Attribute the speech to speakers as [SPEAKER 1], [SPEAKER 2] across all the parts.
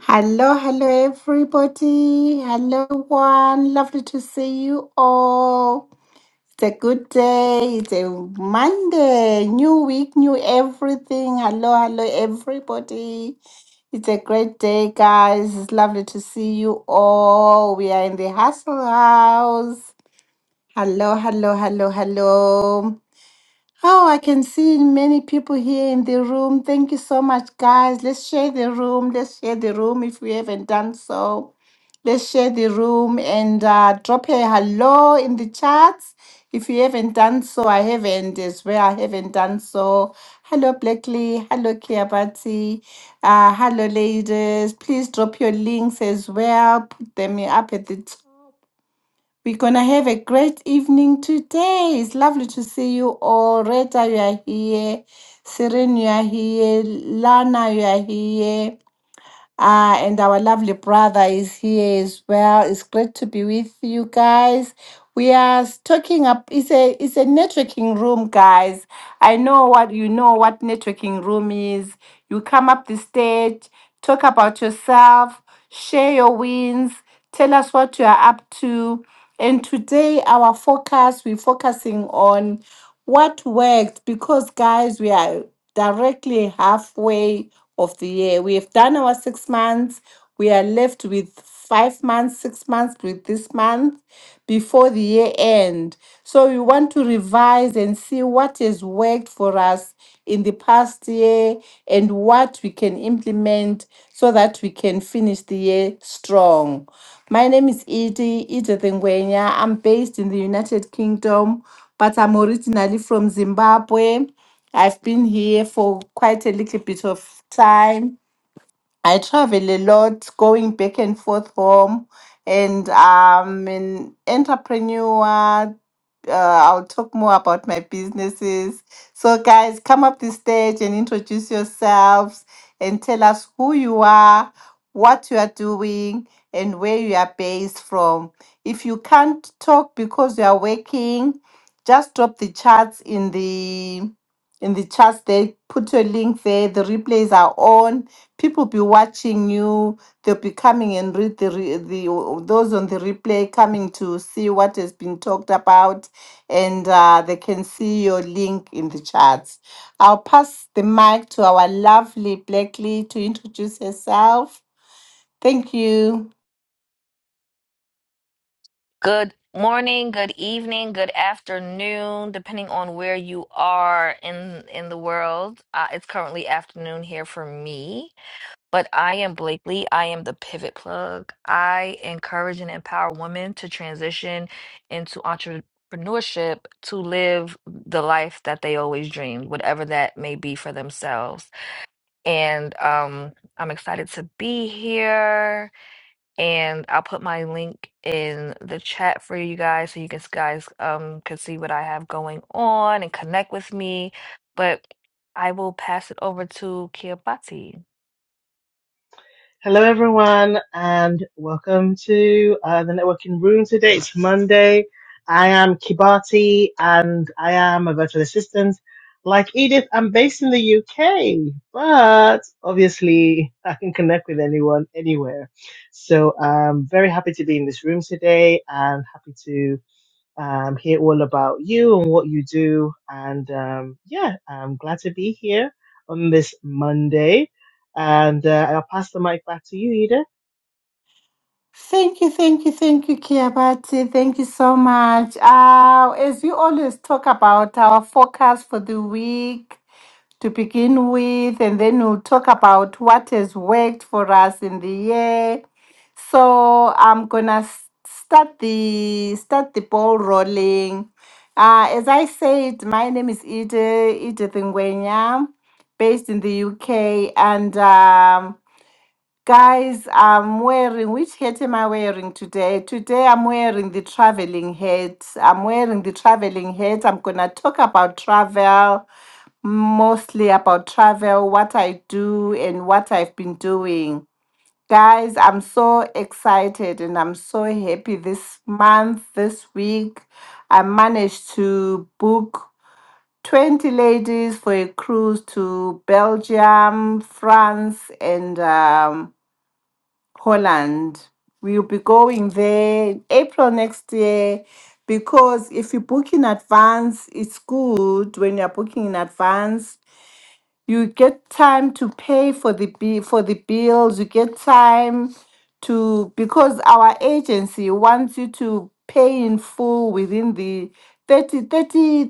[SPEAKER 1] Hello, hello, everybody. Hello, one. Lovely to see you all. It's a good day. It's a Monday. New week, new everything. Hello, hello, everybody. It's a great day, guys. It's lovely to see you all. We are in the hustle house. Hello, hello, hello, hello. Oh, I can see many people here in the room. Thank you so much, guys. Let's share the room. Let's share the room if we haven't done so. Let's share the room and uh, drop a hello in the chats. If you haven't done so, I haven't as well. I haven't done so. Hello, Blackley. Hello, Kiabati. Uh, hello, ladies. Please drop your links as well. Put them up at the top we're going to have a great evening today. It's lovely to see you all. Rita, you are here. Serene, you are here. Lana, you are here. Ah, and our lovely brother is here as well. It's great to be with you guys. We are s- talking up. It's a it's a networking room, guys. I know what you know what networking room is. You come up the stage, talk about yourself, share your wins, Tell us what you are up to. And today, our focus, we're focusing on what worked because, guys, we are directly halfway of the year. We have done our six months. We are left with five months, six months with this month before the year end. So, we want to revise analyze and see what has worked for us in the past year and what we can implement so that we can finish the year strong. My name is Edie, Edith Ngwenya. I'm based in the United Kingdom, but I'm originally from Zimbabwe. I've been here for quite a little bit of time I travel a lot, going back and forth home, and I'm an entrepreneur. Uh, I'll talk more about my businesses. So, guys, come up the stage and introduce yourselves and tell us who you are, what you are doing, and where you are based from. If you can't talk because you are working, just drop the chats in the in the chats there put your link there the replays are on people be watching you they'll be coming and read the, re- the those on the replay coming to see what has been talked about and uh, they can see your link in the chats i'll pass the mic to our lovely blackley to introduce herself thank you
[SPEAKER 2] Good morning, good evening, good afternoon, depending on where you are in in the world. Uh, it's currently afternoon here for me, but I am Blakely. I am the pivot plug. I encourage and empower women to transition into entrepreneurship to live the life that they always dreamed, whatever that may be for themselves. And um, I'm excited to be here and I'll put my link in the chat for you guys so you guys guys um can see what I have going on and connect with me. But I will pass it over to Kiyopati.
[SPEAKER 3] Hello, everyone, and welcome to uh, the networking room today. It's Monday. I am Kibati, and I am a virtual assistant. Like Edith, I'm based in the UK, but obviously I can connect with anyone anywhere. So I'm very happy to be in this room today and happy to um, hear all about you and what you do. And um, yeah, I'm glad to be here on this Monday. And uh, I'll pass the mic back to you, Edith.
[SPEAKER 1] Thank you, thank you, thank you, Kiabati. Thank you so much. Uh, as we always talk about our focus for the week, to begin with, and then we'll talk about what has worked for us in the year. So I'm gonna s- start the start the ball rolling. Uh, as I said, my name is Edith Edith Ngwenya, based in the UK, and um, Guys, I'm wearing, which hat am I wearing today? Today I'm wearing the traveling hat. I'm wearing the traveling hat. I'm going to talk about travel, mostly about travel, what I do, and what I've been doing. Guys, I'm so excited and I'm so happy this month, this week. I managed to book 20 ladies for a cruise to Belgium, France, and um, Holland. We'll be going there in April next year because if you book in advance, it's good when you're booking in advance. You get time to pay for the bi- for the bills. You get time to because our agency wants you to pay in full within the 30, thirty,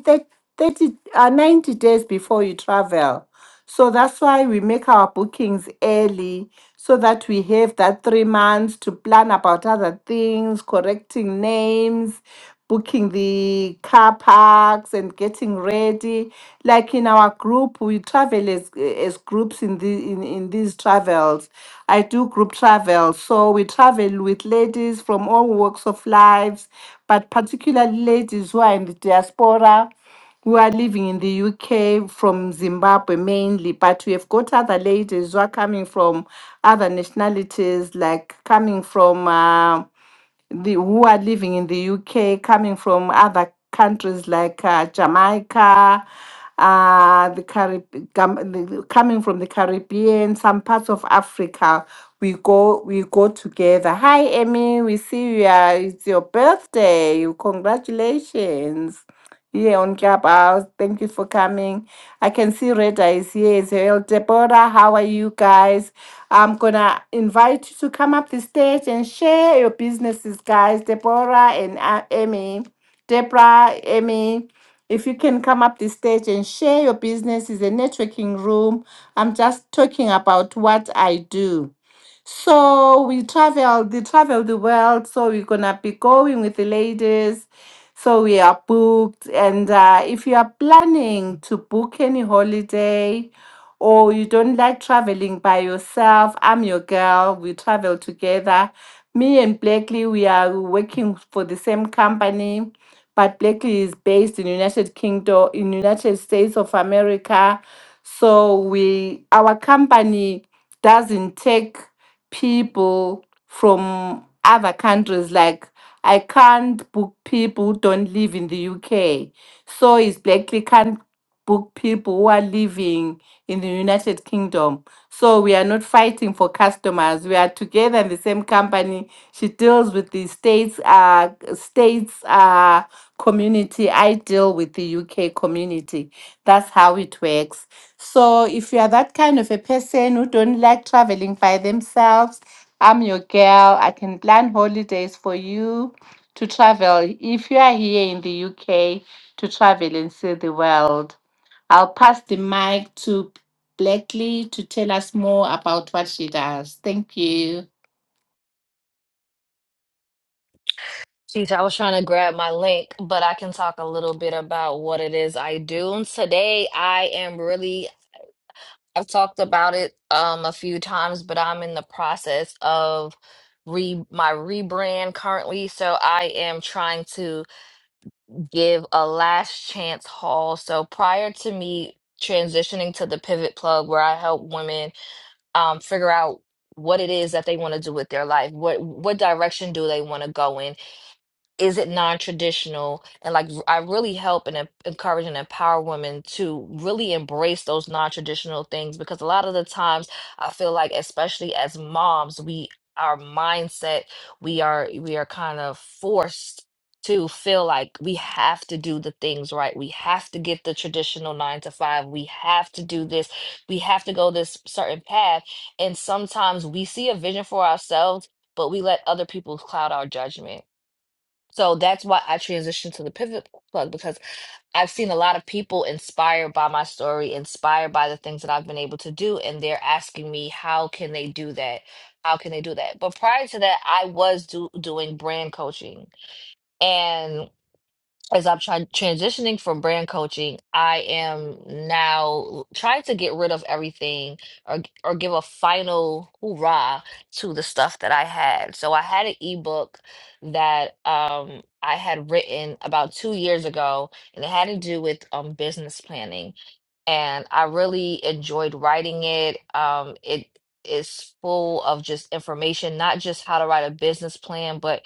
[SPEAKER 1] thirty, uh, 90 days before you travel. So that's why we make our bookings early so that we have that three months to plan about other things, correcting names, booking the car parks, and getting ready. Like in our group, we travel as, as groups in, the, in, in these travels. I do group travel. So we travel with ladies from all walks of lives, but particularly ladies who are in the diaspora who are living in the UK from Zimbabwe mainly, but we have got other ladies who are coming from other nationalities, like coming from uh, the who are living in the UK, coming from other countries like uh, Jamaica, uh, the Carib- Gam- the, coming from the Caribbean, some parts of Africa. We go, we go together. Hi, Emmy. We see you. Are, it's your birthday. Congratulations here on Clubhouse. Thank you for coming. I can see Reda is here as well. Deborah, how are you guys? I'm gonna invite you to come up the stage and share your businesses, guys. Deborah and uh, Amy, Deborah, Amy. If you can come up the stage and share your business, is a networking room. I'm just talking about what I do. So we traveled, they traveled the world. So we're gonna be going with the ladies. So we are booked. And uh, if you are planning to book any holiday or you don't like traveling by yourself, I'm your girl. We travel together. Me and Blakely, we are working for the same company, but Blakely is based in United Kingdom, in United States of America. So we, our company doesn't take people from other countries. Like I can't book people who don't live in the UK. So is Blackley can't book people who are living in the United Kingdom. So we are not fighting for customers. We are together in the same company. She deals with the states, uh, states, uh, community. I deal with the UK community. That's how it works. So if you are that kind of a person who don't like traveling by themselves, I'm your girl. I can plan holidays for you to travel if you are here in the UK to travel and see the world. I'll pass the mic to Blackley to tell us more about what she does. Thank you.
[SPEAKER 2] Jeez, I was trying to grab my link, but I can talk a little bit about what it is I do. Today I am really I've talked about it um a few times, but I'm in the process of re my rebrand currently. So I am trying to give a last chance haul. So prior to me transitioning to the pivot plug where I help women um, figure out what it is that they want to do with their life, what what direction do they want to go in is it non-traditional and like i really help and em- encourage and empower women to really embrace those non-traditional things because a lot of the times i feel like especially as moms we our mindset we are we are kind of forced to feel like we have to do the things right we have to get the traditional nine to five we have to do this we have to go this certain path and sometimes we see a vision for ourselves but we let other people cloud our judgment so that's why I transitioned to the pivot plug because I've seen a lot of people inspired by my story, inspired by the things that I've been able to do, and they're asking me how can they do that? How can they do that? But prior to that, I was do doing brand coaching. And as I'm trying transitioning from brand coaching, I am now l- trying to get rid of everything or g- or give a final hoorah to the stuff that I had. So I had an ebook that um I had written about two years ago, and it had to do with um business planning and I really enjoyed writing it. Um, it is full of just information, not just how to write a business plan, but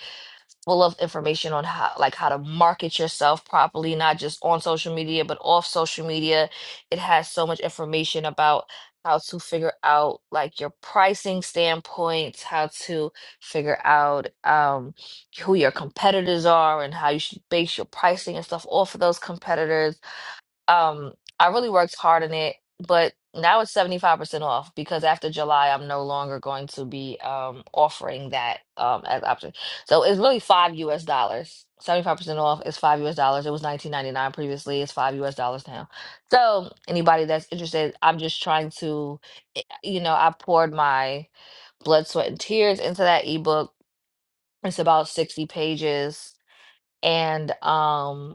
[SPEAKER 2] full of information on how like how to market yourself properly not just on social media but off social media it has so much information about how to figure out like your pricing standpoints how to figure out um who your competitors are and how you should base your pricing and stuff off of those competitors um, I really worked hard on it, but now it's 75% off because after July, I'm no longer going to be um offering that um as option. So it's really five US dollars. 75% off is five US dollars. It was 19.99 previously. It's five US dollars now. So anybody that's interested, I'm just trying to, eh, you know, I poured my blood, sweat, and tears into that ebook. It's about 60 pages. And um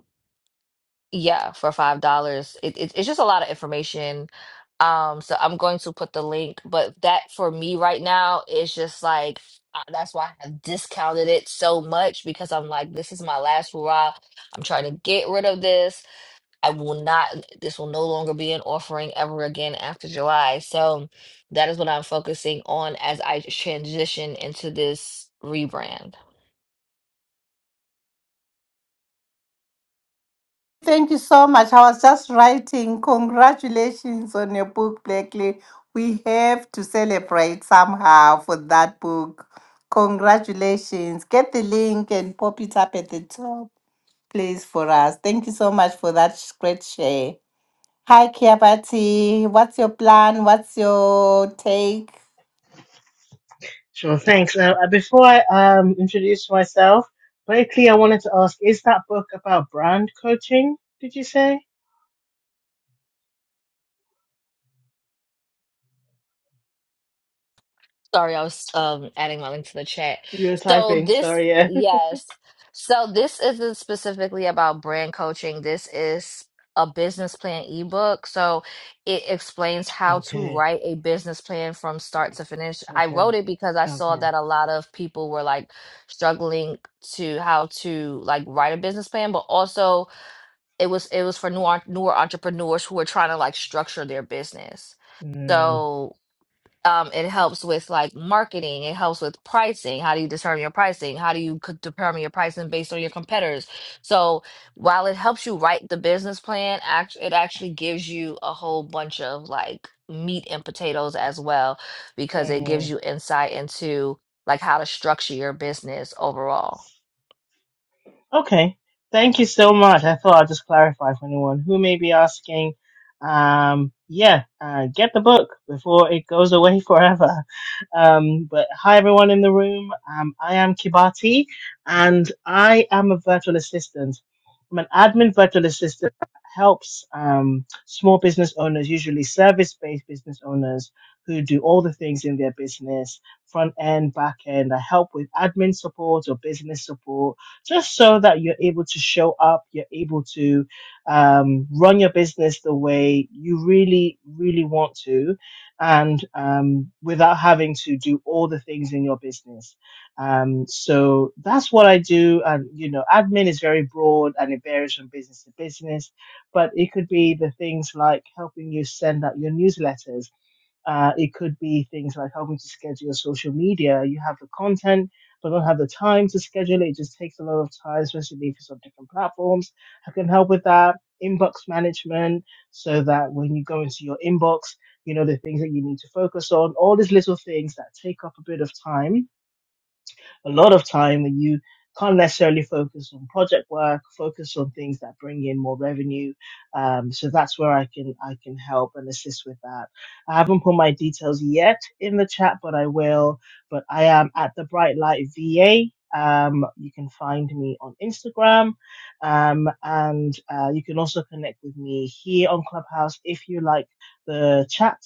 [SPEAKER 2] yeah, for five dollars. It, it it's just a lot of information. Um, so I'm going to put the link, but that for me right now is just like uh, that's why I have discounted it so much because I'm like, this is my last hurrah. I'm trying to get rid of this. I will not, this will no longer be an offering ever again after July. So that is what I'm focusing on as I transition into this rebrand.
[SPEAKER 1] Thank you so much. I was just writing. Congratulations on your book, Blakely. We have to celebrate somehow for that book. Congratulations. Get the link and pop it up at the top, please, for us. Thank you so much for that sh- great share. Hi, Kiabati. What's your plan? What's your take?
[SPEAKER 3] Sure, thanks. Uh, uh, before I um, introduce myself, Blakely, I wanted to ask is that book about brand coaching? Did you say?
[SPEAKER 2] Sorry, I was um adding my link to the chat.
[SPEAKER 3] You were
[SPEAKER 2] So
[SPEAKER 3] typing,
[SPEAKER 2] this,
[SPEAKER 3] sorry, yeah.
[SPEAKER 2] yes. So this isn't specifically about brand coaching. This is a business plan ebook. So it explains how to
[SPEAKER 3] Okay,
[SPEAKER 2] write a business plan from start to finish. I wrote
[SPEAKER 3] okay,
[SPEAKER 2] it because I saw
[SPEAKER 3] okay.
[SPEAKER 2] that a lot of people were like struggling to how to like write a business plan, but also it was it was for new newer entrepreneurs who were trying to like structure their business.
[SPEAKER 3] Mm,
[SPEAKER 2] So um, it helps with like marketing. It helps with pricing. How do you determine your pricing? How do you c- determine your pricing based on your competitors? So while it helps you write the business plan, act- it actually gives you a whole bunch of like meat and potatoes as well, because it
[SPEAKER 3] mm.
[SPEAKER 2] gives you insight into like how to structure your business overall.
[SPEAKER 3] Okay. Thank you so much. I thought I'd just clarify for anyone who may be asking. Um, yeah, uh, get the book before it goes away forever. Um, but hi, everyone in the room. Um, I am Kibati, and I am a virtual assistant. I'm an admin virtual assistant that helps um, small business owners, usually service based business owners, who do all the things in their business front end, back end. I help with admin support or business support just so that you're able to show up, you're able to um, run your business the way you really, really want to, and um, without having to do all the things in your business. Um, so that's what I do. And, you know, admin is very broad and it varies from business to business, but it could be the things like helping you send out your newsletters uh, it could be things like helping to schedule your social media. You have the content, but don't have the time to schedule it. It just takes a lot of time, especially if it's on different platforms. I can help with that. Inbox management, so that when you go into your inbox, you know the things that you need to focus on. All these little things that take up a bit of time a lot of time you can't necessarily focus on project work, focus on things that bring in more revenue. Um, so that's where I can I can help and assist with that. I haven't put my details yet in the chat, but I will. But I am at the Bright Light VA. Um, you can find me on Instagram, um, and uh, you can also connect with me here on Clubhouse if you like the chat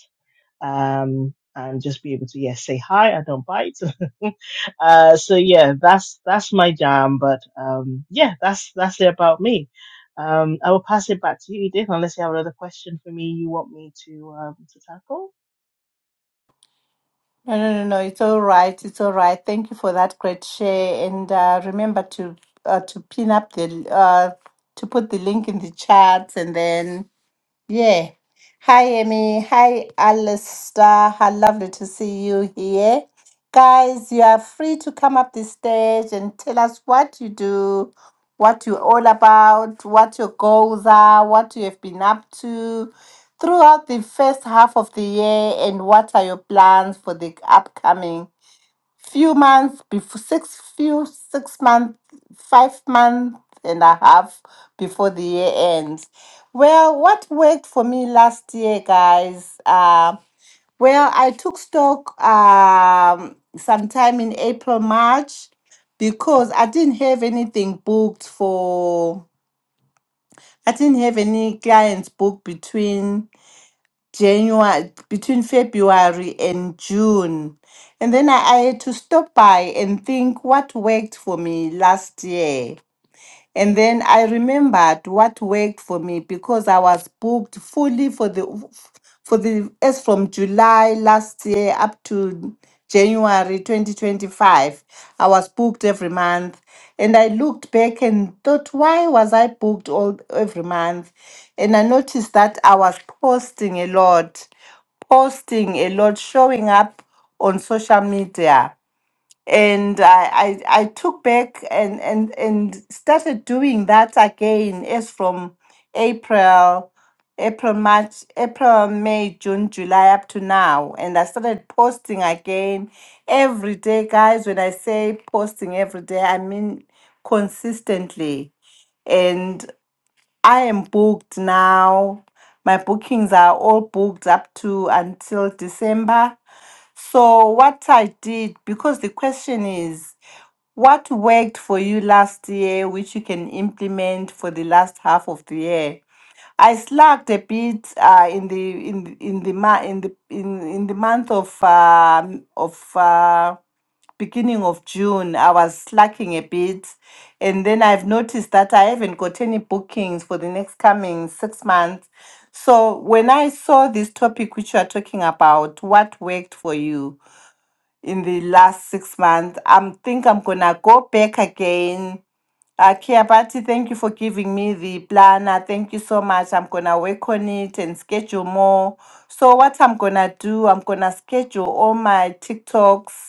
[SPEAKER 3] um, and just be able to yes say hi. I don't bite. uh, so yeah, that's that's my jam. But um, yeah, that's that's it about me. Um, I will pass it back to you, Edith, unless you have another question for me you want me to um, to tackle.
[SPEAKER 1] No, no, no, no. It's all right. It's all right. Thank you for that great share. And uh, remember to uh, to pin up the uh, to put the link in the chat, and then yeah. Hi, Amy. Hi, Alistair. How lovely to see you here. Guys, you are free to come up the stage and tell us what you do, what you're all about, what your goals are, what you have been up to throughout the first half of the year, and what are your plans for the upcoming few months before six few six month five month and a half before the year ends well what worked for me last year guys uh well i took stock um sometime in april march because i didn't have anything booked for i didn't have any clients booked between January, between February and June. And then I, I had to stop by and think what worked for me last year. And then I remembered what worked for me because I was booked fully for the for the as from July last year up to January 2025. I was booked every month. And I looked back and thought, why was I booked all every month? And I noticed that I was posting a lot, posting a lot, showing up on social media and I, I I took back and and and started doing that again as from April, April, March, April, May, June, July up to now, and I started posting again every day, guys. When I say posting every day, I mean consistently, and I am booked now. My bookings are all booked up to until December so, what I did, because the question is, what worked for you last year, which you can implement for the last half of the year? I slacked a bit uh, in the in the- in the ma- in the in, in the month of um of uh, beginning of June. I was slacking a bit, and then I've noticed that I haven't got any bookings for the next coming six months. So when I saw this topic which you are talking about, what worked for you? in the last six months. I think I'm gonna go back again. Uh, Kia Bati, thank you for giving me the planner. Thank you so much. I'm gonna work on it and schedule more. So what I'm gonna do, I'm gonna schedule all my TikToks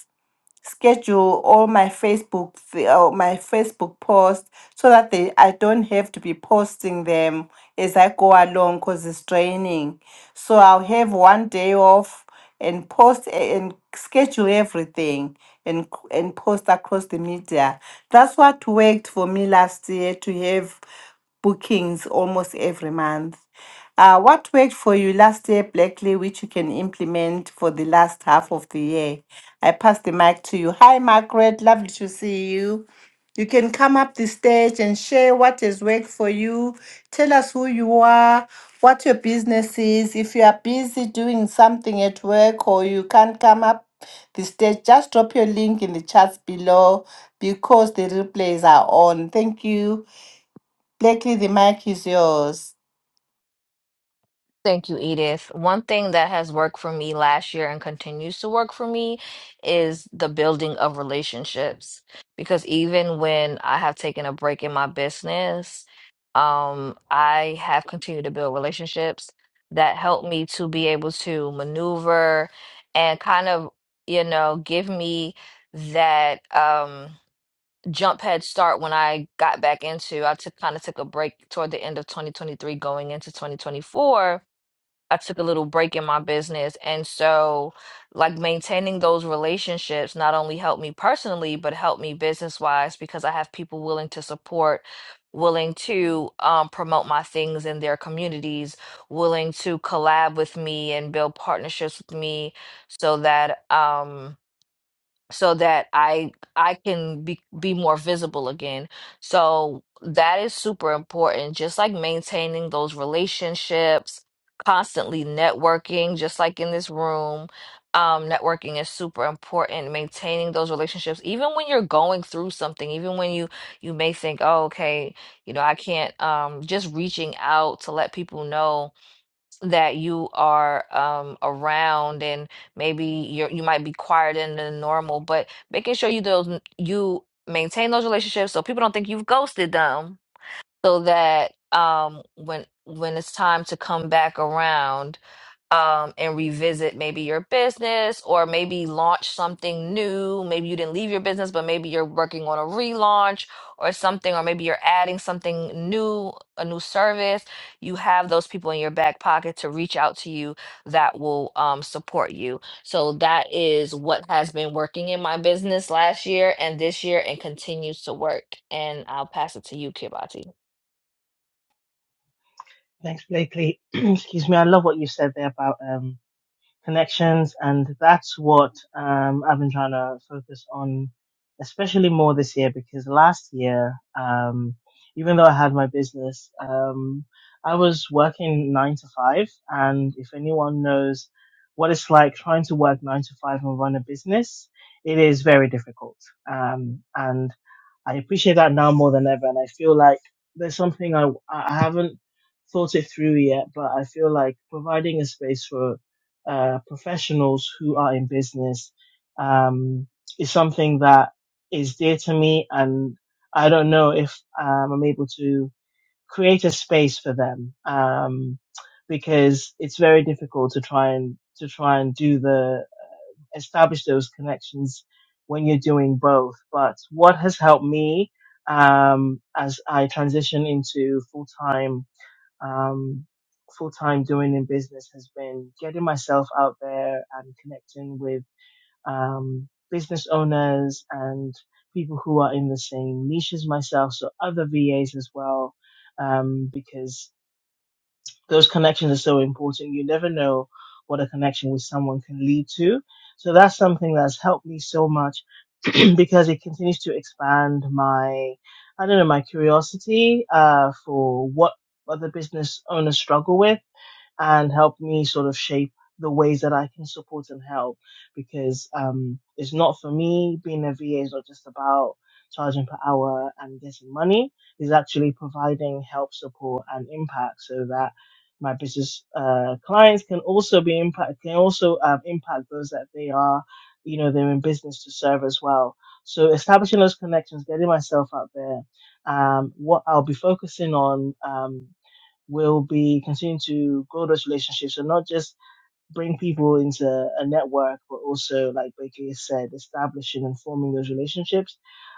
[SPEAKER 1] schedule all my Facebook f- uh, my Facebook posts so that they I don't have to be posting them as I go along because it's draining. So I'll have one day off and post a- and schedule everything and c- and post across the media. That's what worked for me last year to have bookings almost every month. Uh, what worked for you last year, Blackley, which you can implement for the last half of the year? I pass the mic to you. Hi, Margaret. Lovely to see you. You can come up the stage and share what has worked for you. Tell us who you are, what your business is. If you are busy doing something at work or you can't come up the stage, just drop your link in the chats below because the replays are on. Thank you. Blackley, the mic is yours.
[SPEAKER 2] Thank you, Edith. One thing that has worked for me last year and continues to work for me is the building of relationships. Because even when I have taken a break in my business, um, I have continued to build relationships that help me to be able to maneuver and kind of, you know, give me that um, jump head start when I got back into. I took kind of took a break toward the end of 2023 going into 2024 I took a little break in my business. And so, like, maintaining those relationships not only helped me personally, but helped me business wise because I have people willing to support, willing to um, promote my things in their communities, willing to collab with me and build partnerships with me so that. Um, so that I I can be be more visible again. So that is super important. Just like maintaining those relationships, constantly networking, just like in this room. Um, networking is super important. Maintaining those relationships, even when you're going through something, even when you you may think, "Oh, okay, you know, I can't." Um, just reaching out to let people know that you are um, around and maybe you're you might be quieter than normal, but making sure you those you maintain those relationships so people don't think you've ghosted them so that um when when it's time to come back around um and revisit maybe your business or maybe launch something new maybe you didn't leave your business but maybe you're working on a relaunch or something or maybe you're adding something new a new service you have those people in your back pocket to reach out to you that will um, support you so that is what has been working in my business last year and this year and continues to work and i'll pass it to you kibati
[SPEAKER 3] Thanks, Blakely. Excuse me. I love what you said there about um, connections, and that's what um, I've been trying to focus on, especially more this year because last year, um, even though I had my business, um, I was working nine to five, and if anyone knows what it's like trying to work nine to five and run a business, it is very difficult. Um, and I appreciate that now more than ever, and I feel like there's something I I haven't thought it through yet, but I feel like providing a space for uh, professionals who are in business um, is something that is dear to me, and I don't know if um, I'm able to create a space for them um, because it's very difficult to try and to try and do the establish those connections when you're doing both. But what has helped me um, as I transition into full time um, full time doing in business has been getting myself out there and connecting with um, business owners and people who are in the same niche as myself, so other VAs as as well, um, because those connections are so important. You never know what a connection with someone can lead to. So that's something that's helped me so much because it continues to expand my, I don't know, my curiosity uh, for what other business owners struggle with and help me sort of shape the ways that I can support and help because um, it's not for me being a VA is not just about charging per hour and getting money is actually providing help, support, and impact so that my business uh, clients can also be impact can also um, impact those that they are you know they're in business to serve as well. So establishing those connections, getting myself out there. Um, what I'll be focusing on. Um, will be continuing to grow those relationships and not just bring people into a network, but also, like Becky said, establishing and forming those relationships.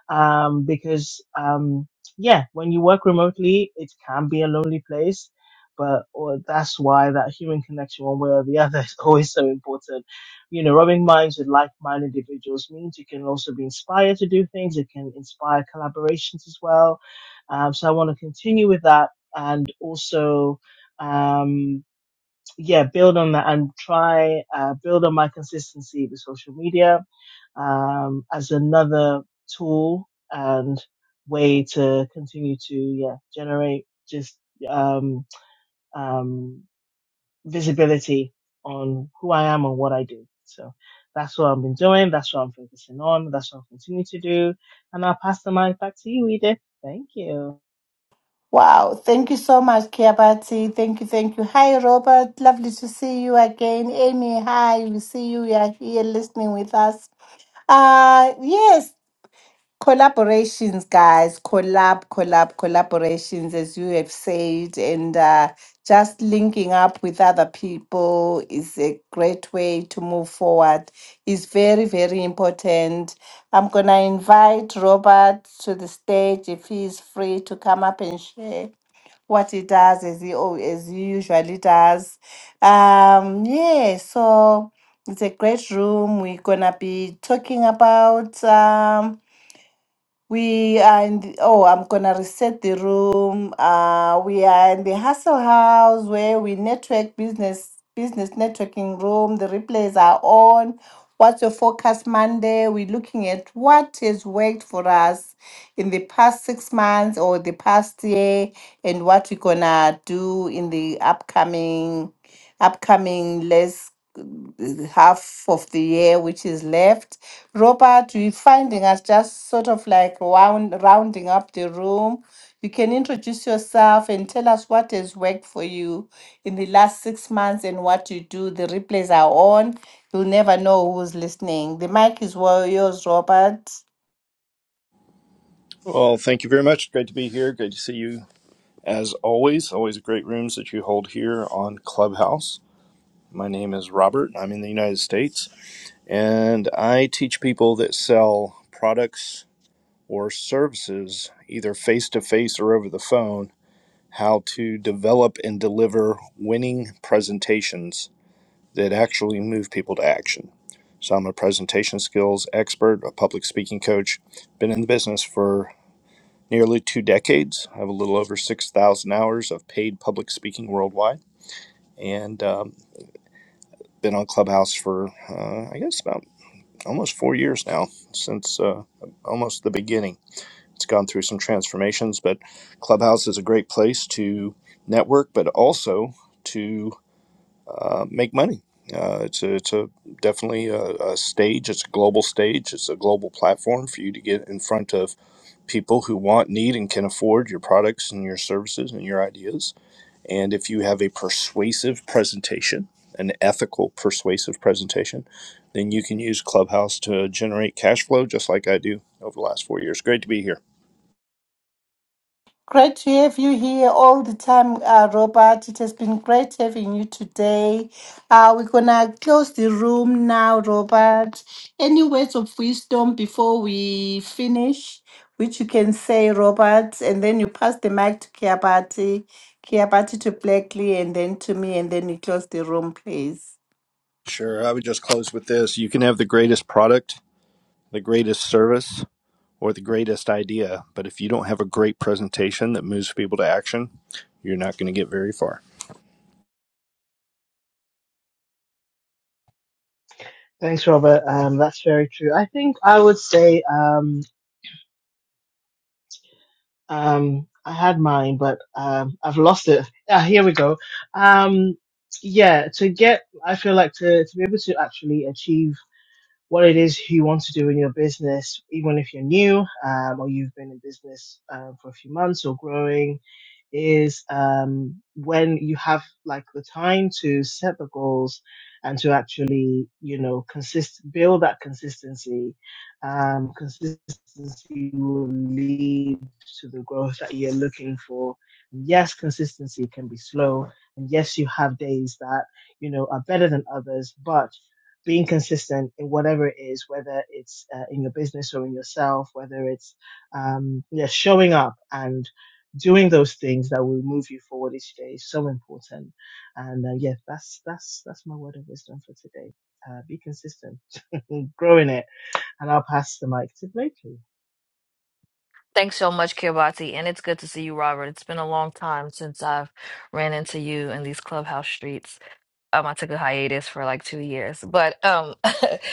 [SPEAKER 3] Um, because, um, yeah, when you work remotely, it can be a lonely place, but or that's why that human connection, one way or the other, is always so important. You know, rubbing minds with like-minded individuals means you can also be inspired to do things. It can inspire collaborations as well. Um, so I want to continue with that, and also. Um, yeah, build on that and try uh, build on my consistency with social media um, as another tool and way to continue to yeah generate just um, um, visibility on who I am and what I do. So that's what I've been doing. That's what I'm focusing on. That's what I'll continue to do. And I'll pass the mic back to you, Edith. Thank you.
[SPEAKER 1] Wow, thank you so much, Kiabati. Thank you, thank you. Hi, Robert. Lovely to see you again. Amy, hi. We see you. You are here listening with us. Uh yes, collaborations, guys. Collab, collab, collaborations, as you have said, and uh, just linking up with other people is a great way to move forward. It's very, very important. I'm gonna invite Robert to the stage if he is free to come up and share what he does as he al- as he usually does. Um, yeah, so it's a great room. We're gonna be talking about. Um, we are in the, oh, I'm gonna reset the room. Uh, we are in the Hustle House where we network business business networking room. The replays are on. What's your focus Monday? We're looking at what has worked for us in the past six months or the past year, and what we're gonna do in the upcoming upcoming less half of the year which is left. Robert, we're finding us just sort of like round rounding up the room. You can introduce yourself and tell us what has worked for you in the last six months and what you do. The replays are on. You'll never know who's listening. The mic is well yours, Robert.
[SPEAKER 4] Well, thank you very much. Great to be here. Great to see you as always. Always great rooms that you hold here on Clubhouse. My name is Robert. I'm in the United States and I teach people that sell products or services either face to face or over the phone how to develop and deliver winning presentations that actually move people to action. So I'm a presentation skills expert, a public speaking coach, been in the business for nearly two decades. I have a little over 6,000 hours of paid public speaking worldwide and um, been on Clubhouse for, uh, I guess, about almost four years now, since uh, almost the beginning. It's gone through some transformations, but Clubhouse is a great place to network, but also to uh, make money. Uh, it's a, it's a definitely a, a stage. It's a global stage. It's a global platform for you to get in front of people who want, need, and can afford your products and your services and your ideas. And if you have a persuasive presentation, an ethical persuasive presentation, then you can use Clubhouse to generate cash flow just like I do over the last four years. Great to be here.
[SPEAKER 1] Great to have you here all the time, uh, Robert. It has been great having you today. Uh, we're going to close the room now, Robert. Any words of wisdom before we finish, which you can say, Robert, and then you pass the mic to Kiabati, Kiabati to Blackley, and then to me, and then we close the room, please.
[SPEAKER 4] Sure. I would just close with this. You can have the greatest product, the greatest service, or the greatest idea, but if you don't have a great presentation that moves people to action, you're not going to get very far.
[SPEAKER 3] Thanks, Robert. Um, that's very true. I think I would say. Um, Um, I had mine, but um, I've lost it. Ah, here we go. Um, yeah, to get, I feel like to, to be able to actually achieve what it is you want to do in your business, even if you're new um, or you've been in business um, for a few months or growing, is um, when you have like the time to set the goals and to actually, you know, consist build that consistency. Um, consistency will lead to the growth that you're looking for. Yes, consistency can be slow, and yes, you have days that you know are better than others, but being consistent in whatever it is, whether it's uh, in your business or in yourself, whether it's um, yeah, showing up and doing those things that will move you forward each day is so important. And uh, yeah, that's that's that's my word of wisdom for today. Uh, be consistent, grow in it, and I'll pass the mic to Blakely.
[SPEAKER 2] Thanks so much, Kiribati, and it's good to see you, Robert. It's been a long time since I've ran into you in these clubhouse streets. Um, I took a hiatus for like two years, but um,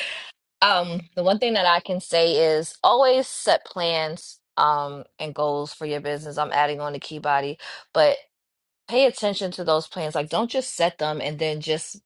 [SPEAKER 2] um, the one thing that I can say is always set plans um and goals for your business. I'm adding on the key body, but pay attention to those plans. Like, don't just set them and then just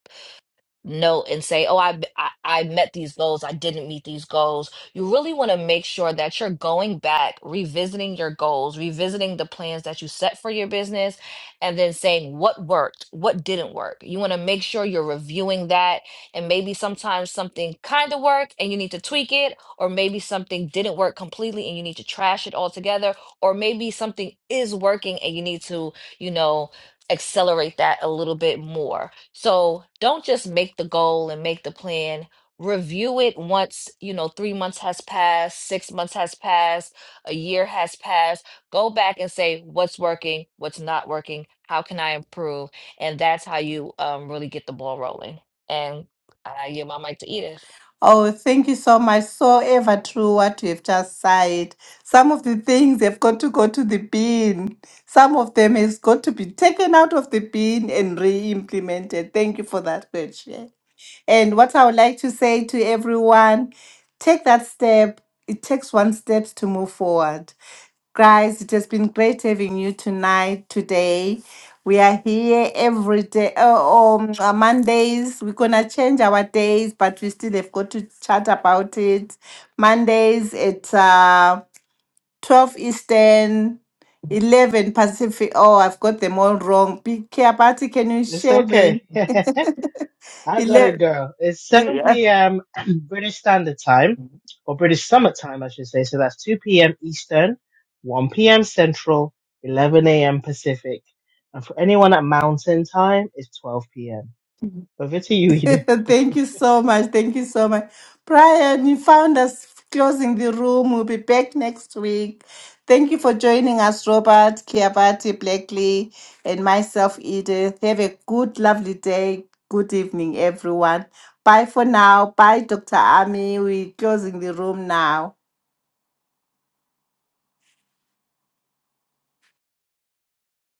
[SPEAKER 2] note and say, "Oh, I, I I met these goals. I didn't meet these goals." You really want to make sure that you're going back, revisiting your goals, revisiting the plans that you set for your business, and then saying what worked, what didn't work. You want to make sure you're reviewing that, and maybe sometimes something kind of worked and you need to tweak it, or maybe something didn't work completely and you need to trash it altogether, or maybe something is working and you need to, you know accelerate that a little bit more. So don't just make the goal and make the plan. Review it once, you know, three months has passed, six months has passed, a year has passed. Go back and say what's working, what's not working, how can I improve? And that's how you um, really get the ball rolling. And I give my mic to Edith.
[SPEAKER 1] Oh, thank you so much. So ever true what you have just said. Some of the things have got to go to the bin. Some of them has got to be taken out of the bin and re-implemented. Thank you for that question. And what I would like to say to everyone, take that step. It takes one step to move forward. Guys, it has been great having you tonight, today. We are here every day. Oh, um, uh, Mondays, we're going to change our days, but we still have got to chat about it. Mondays at uh, 12 Eastern, 11 Pacific. Oh, I've got them all wrong. Big Care Party, can you
[SPEAKER 3] It's
[SPEAKER 1] share me?
[SPEAKER 3] okay. I gotta
[SPEAKER 1] 11.
[SPEAKER 3] go. It's 7 p.m. British Standard Time, or British Summer Time, I should say. So that's 2 p.m. Eastern, 1 p.m. Central, 11 a.m. Pacific. And for anyone at Mountain Time, it's 12 p.m. Over to you, Edith.
[SPEAKER 1] Thank you so much. Thank you so much. Brian, you found us closing the room. We'll be back next week. Thank you for joining us, Robert, Kiabati, Blackley, and myself, Edith. Have a good, lovely day. Good evening, everyone. Bye for now. Bye, Dr. Ami. We're closing the room now.